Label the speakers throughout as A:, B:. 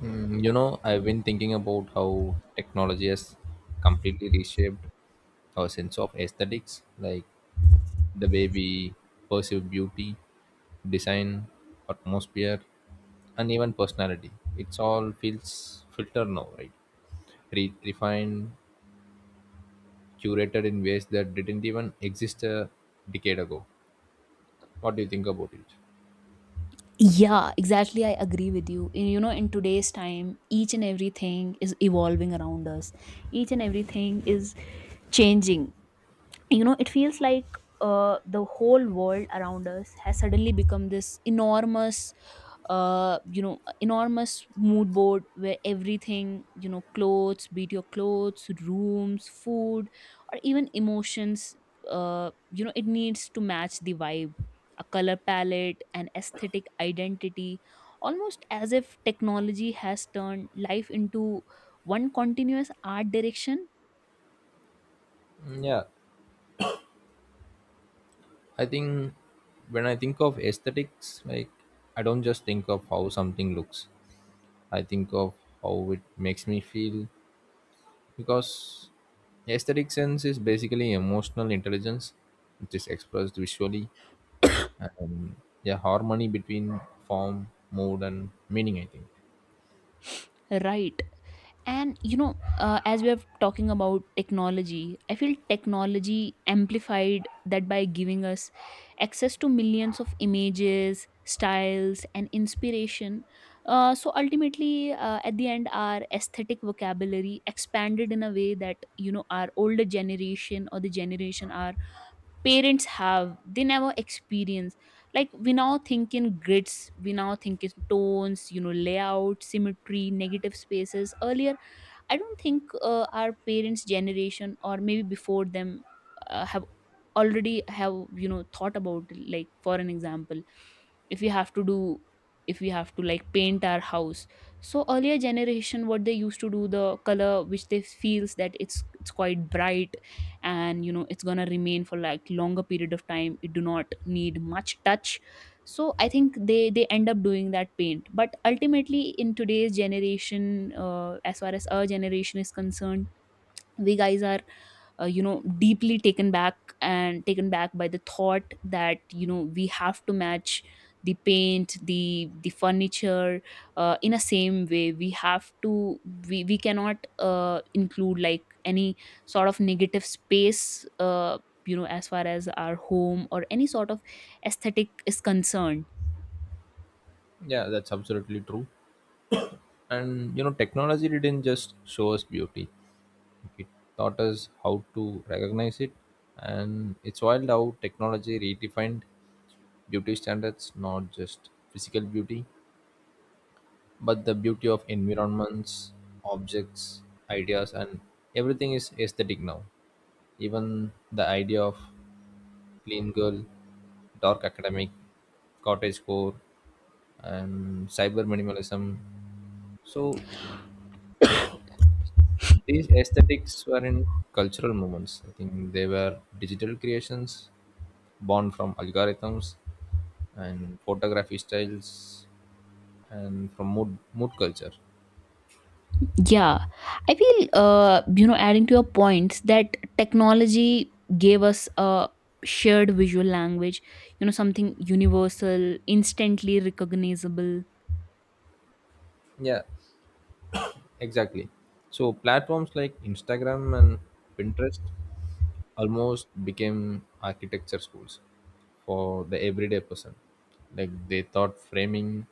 A: I've been thinking about how technology has completely reshaped our sense of aesthetics, like the way we perceive beauty, design, atmosphere, and even personality. It's all feels filtered now, right? Refined, curated in ways that didn't even exist a decade ago. What do you think about it?
B: Yeah, exactly. I agree with you. In today's time, each and everything is evolving around us. Each and everything is changing. It feels like the whole world around us has suddenly become this enormous you know enormous mood board where everything, clothes, be it your clothes, rooms, food, or even emotions, it needs to match the vibe, a color palette, an aesthetic identity, almost as if technology has turned life into one continuous art direction.
A: Yeah, I think when I think of aesthetics, like I don't just think of how something looks. I think of how it makes me feel because aesthetic sense is basically emotional intelligence which is expressed visually, and yeah, harmony between form, mood and meaning, I think.
B: Right. And as we are talking about technology, I feel technology amplified that by giving us access to millions of images, styles, and inspiration. So ultimately, at the end, our aesthetic vocabulary expanded in a way that our older generation, or the generation our parents have, they never experienced. Like, we now think in grids, we now think in tones, layout, symmetry, negative spaces. Earlier, I don't think our parents generation, or maybe before them, have already have thought about, like, for an example, if we have to do if we have to, like, paint our house. So earlier generation, what they used to do, the color which they feels that it's quite bright, and it's gonna remain for like longer period of time, it do not need much touch. So I think they end up doing that paint. But ultimately, in today's generation, as far as our generation is concerned, we guys are deeply taken back and taken back by the thought that we have to match the paint, the furniture, in a same way we have to— we cannot include, like, any sort of negative space, as far as our home or any sort of aesthetic is concerned.
A: Yeah, that's absolutely true. And technology didn't just show us beauty, it taught us how to recognize it. And it's wild how technology redefined beauty standards, not just physical beauty, but the beauty of environments, objects, ideas, and everything is aesthetic now. Even the idea of clean girl, dark academic, cottage core, and cyber minimalism. So these aesthetics were in cultural movements. I think they were digital creations born from algorithms and photography styles and from mood culture.
B: Yeah, I feel, adding to your points, that technology gave us a shared visual language, something universal, instantly recognizable.
A: Yeah, exactly. So platforms like Instagram and Pinterest almost became architecture schools for the everyday person. Like they taught framing,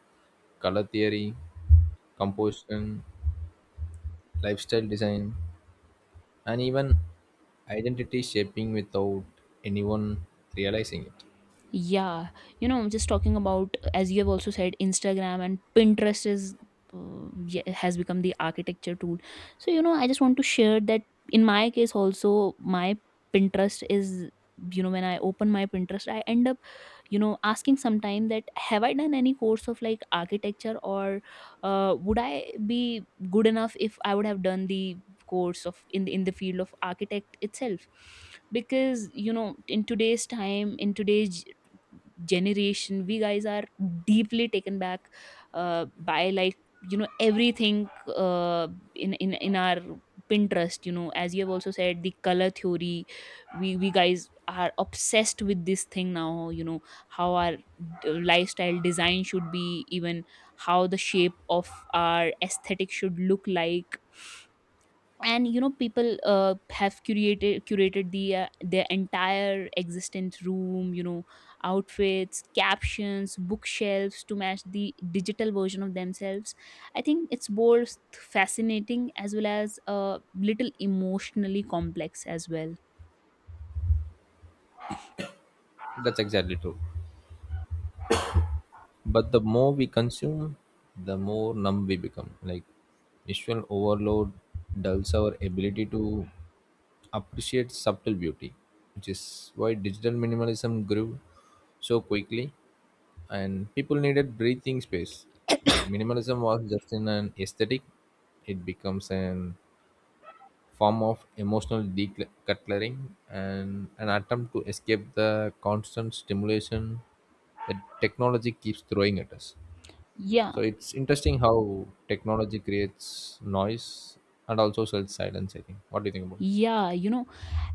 A: color theory, composition, lifestyle design, and even identity shaping without anyone realizing it.
B: Yeah, I'm just talking about, as you have also said, Instagram and Pinterest has become the architecture tool. So, I just want to share that in my case also, my Pinterest is— when I open my Pinterest, I end up, asking sometime that, have I done any course of, like, architecture, or would I be good enough if I would have done the course of, in the field of architect itself? Because, in today's time, in today's generation, we guys are deeply taken back by, like, everything uh, in our Pinterest. As you have also said, the color theory, we guys are obsessed with this thing now, you know, how our lifestyle design should be, even how the shape of our aesthetic should look like, and people have curated their entire existence, room, outfits, captions, bookshelves, to match the digital version of themselves. I think it's both fascinating as well as a little emotionally complex as well.
A: That's exactly true. But the more we consume, the more numb we become. Like visual overload dulls our ability to appreciate subtle beauty, which is why digital minimalism grew so quickly and people needed breathing space. Like minimalism was just in an aesthetic, it becomes an form of emotional decluttering and an attempt to escape the constant stimulation that technology keeps throwing at us.
B: Yeah,
A: So it's interesting how technology creates noise and also sells silence, I think. What do you think about it?
B: yeah. you know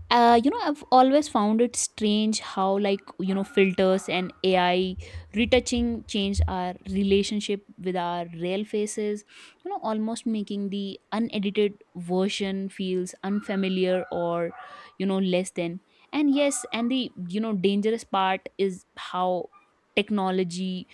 B: uh, you know i've always found it strange how, like, filters and AI retouching change our relationship with our real faces, almost making the unedited version feels unfamiliar, or less than. And yes, and the dangerous part is how technology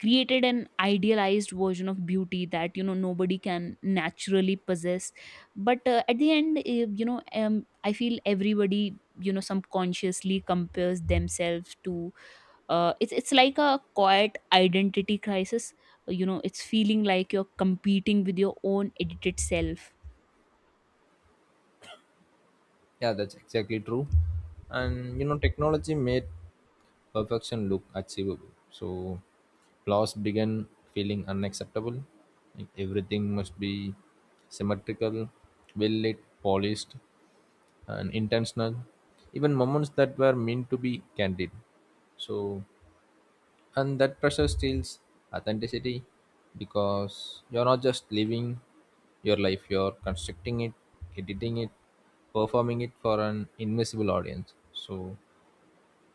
B: created an idealized version of beauty that nobody can naturally possess, but at the end, I feel everybody subconsciously compares themselves to. It's like a quiet identity crisis. It's feeling like you're competing with your own edited self.
A: Yeah, that's exactly true. And, technology made perfection look achievable. So flaws began feeling unacceptable. Like everything must be symmetrical, well lit, polished, and intentional. Even moments that were meant to be candid. So, and that pressure steals authenticity because you're not just living your life, you're constructing it, editing it, performing it for an invisible audience. So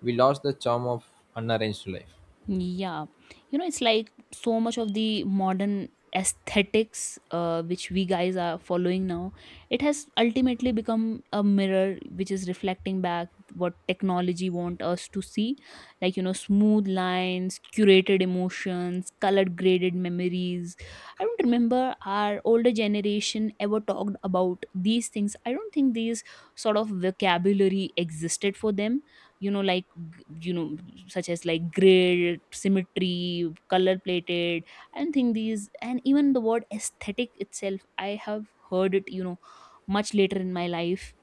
A: we lost the charm of unarranged life.
B: Yeah. It's like so much of the modern aesthetics, which we guys are following now, it has ultimately become a mirror which is reflecting back what technology want us to see. Like, smooth lines, curated emotions, colored graded memories. I don't remember our older generation ever talked about these things. I don't think these sort of vocabulary existed for them, you know like you know such as, like, grid, symmetry, color plated, and think these, and even the word aesthetic itself, I have heard it much later in my life.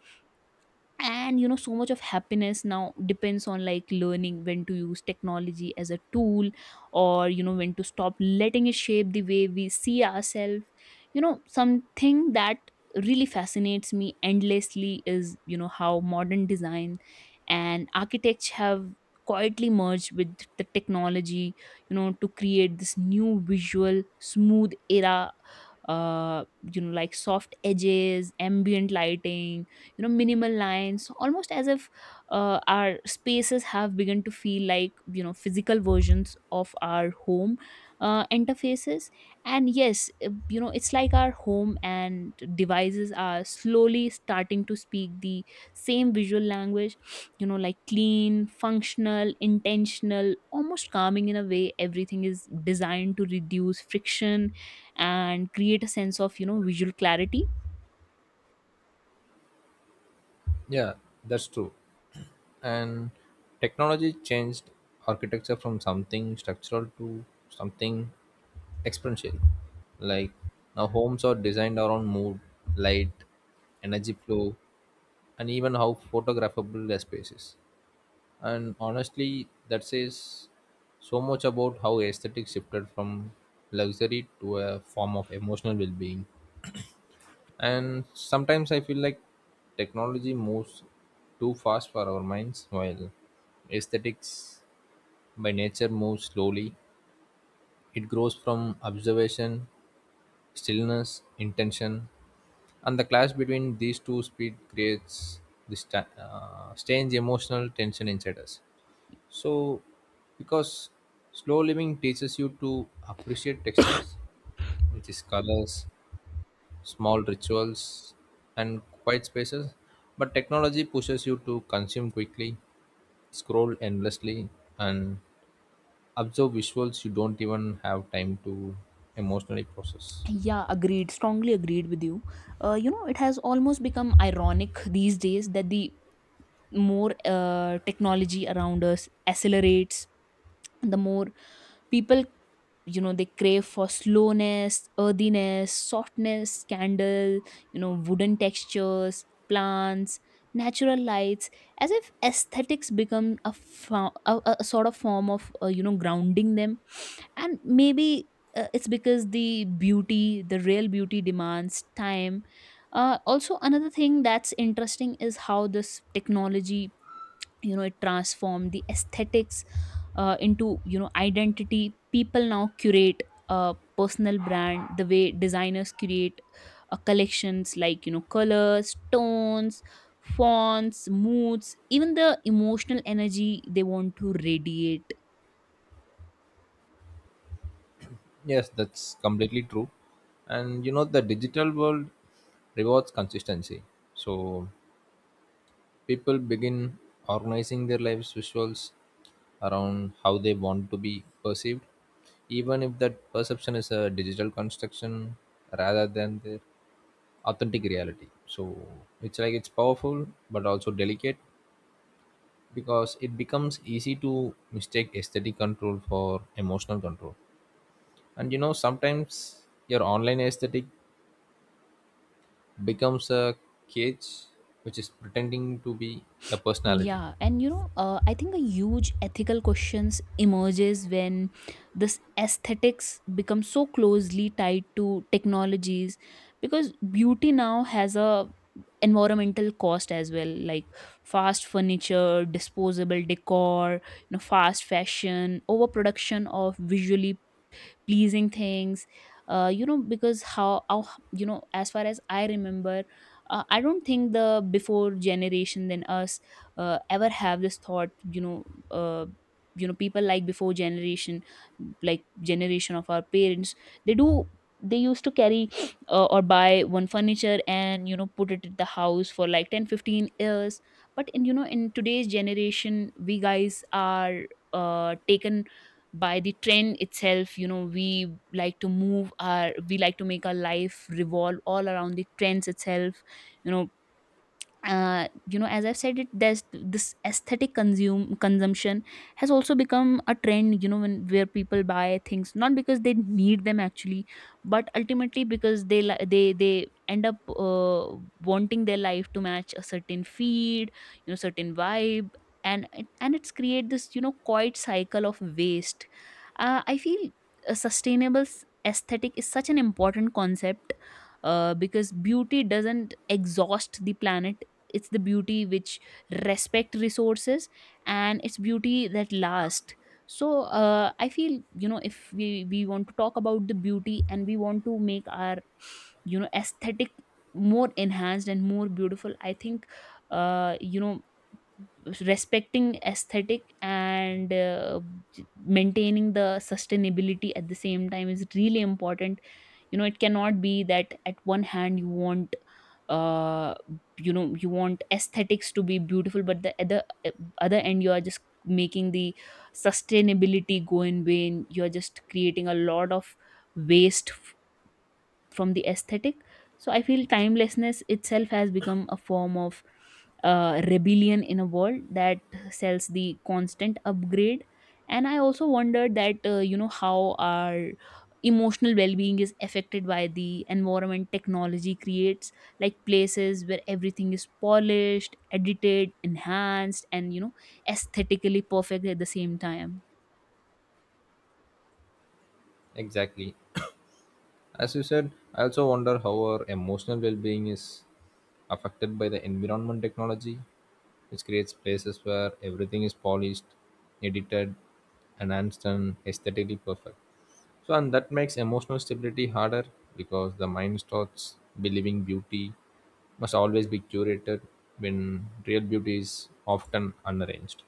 B: And so much of happiness now depends on, like, learning when to use technology as a tool, or when to stop letting it shape the way we see ourselves. Something that really fascinates me endlessly is how modern design and architects have quietly merged with the technology, to create this new visual smooth era, uh like, soft edges, ambient lighting, minimal lines, almost as if our spaces have begun to feel like, physical versions of our home, interfaces. And yes, it's like our home and devices are slowly starting to speak the same visual language, like, clean, functional, intentional, almost calming, in a way everything is designed to reduce friction and create a sense of, visual clarity.
A: Yeah, that's true. And technology changed architecture from something structural to something experiential. Like now homes are designed around mood, light, energy flow, and even how photographable the space is. And honestly, that says so much about how aesthetics shifted from luxury to a form of emotional well-being. And sometimes I feel like technology moves too fast for our minds, while aesthetics by nature moves slowly. It grows from observation, stillness, intention, and the clash between these two speed creates this strange emotional tension inside us. So, because slow living teaches you to appreciate textures, which is colors, small rituals, and quiet spaces. But technology pushes you to consume quickly, scroll endlessly, and observe visuals you don't even have time to emotionally process.
B: Yeah, agreed. Strongly agreed with you. It has almost become ironic these days that the more technology around us accelerates, the more people, they crave for slowness, earthiness, softness, candle, wooden textures, plants, natural lights, as if aesthetics become a, fo- a sort of form of, grounding them. And maybe it's because the real beauty demands time. Also, another thing that's interesting is how this technology, it transformed the aesthetics into, identity. People now curate a personal brand the way designers create collections, like, colors, tones, fonts, moods, even the emotional energy they want to radiate.
A: Yes, that's completely true. And, the digital world rewards consistency. So people begin organizing their lives visuals around how they want to be perceived, even if that perception is a digital construction rather than their authentic reality. So it's like it's powerful but also delicate because it becomes easy to mistake aesthetic control for emotional control. And, sometimes your online aesthetic becomes a cage which is pretending to be a personality.
B: Yeah, and I think a huge ethical questions emerges when this aesthetics becomes so closely tied to technologies, because beauty now has a environmental cost as well, like fast furniture, disposable decor, fast fashion, overproduction of visually pleasing things, because how, as far as I remember, I don't think the before generation than us ever have this thought. Uh, People, like, before generation, like, generation of our parents, they do they used to carry or buy one furniture, and put it at the house for like 10-15 years. But in you know in today's generation, we guys are taken by the trend itself. We like to make our life revolve all around the trends itself. You know uh, you know as I've said it, there's this aesthetic consume consumption has also become a trend, when where people buy things not because they need them actually, but ultimately because they li- they end up wanting their life to match a certain feed, certain vibe. And it's create this, quiet cycle of waste. I feel a sustainable aesthetic is such an important concept, because beauty doesn't exhaust the planet. It's the beauty which respect resources, and it's beauty that lasts. So, I feel, if we want to talk about the beauty, and we want to make our aesthetic more enhanced and more beautiful, I think uh, you know respecting aesthetic and maintaining the sustainability at the same time is really important. It cannot be that at one hand you want— uh you want aesthetics to be beautiful, but the other end you are just making the sustainability go in vain, you are just creating a lot of waste from the aesthetic. So I feel timelessness itself has become a form of rebellion in a world that sells the constant upgrade. And I also wondered that how our emotional well-being is affected by the environment technology creates, like places where everything is polished, edited, enhanced, and aesthetically perfect at the same time.
A: Exactly. As you said, I also wonder how our emotional well being is affected by the environment technology, which creates places where everything is polished, edited, enhanced, and aesthetically perfect. So, and that makes emotional stability harder because the mind starts believing beauty must always be curated when real beauty is often unarranged.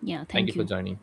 B: Yeah,
A: Thank you
B: thank
A: for
B: you.
A: joining.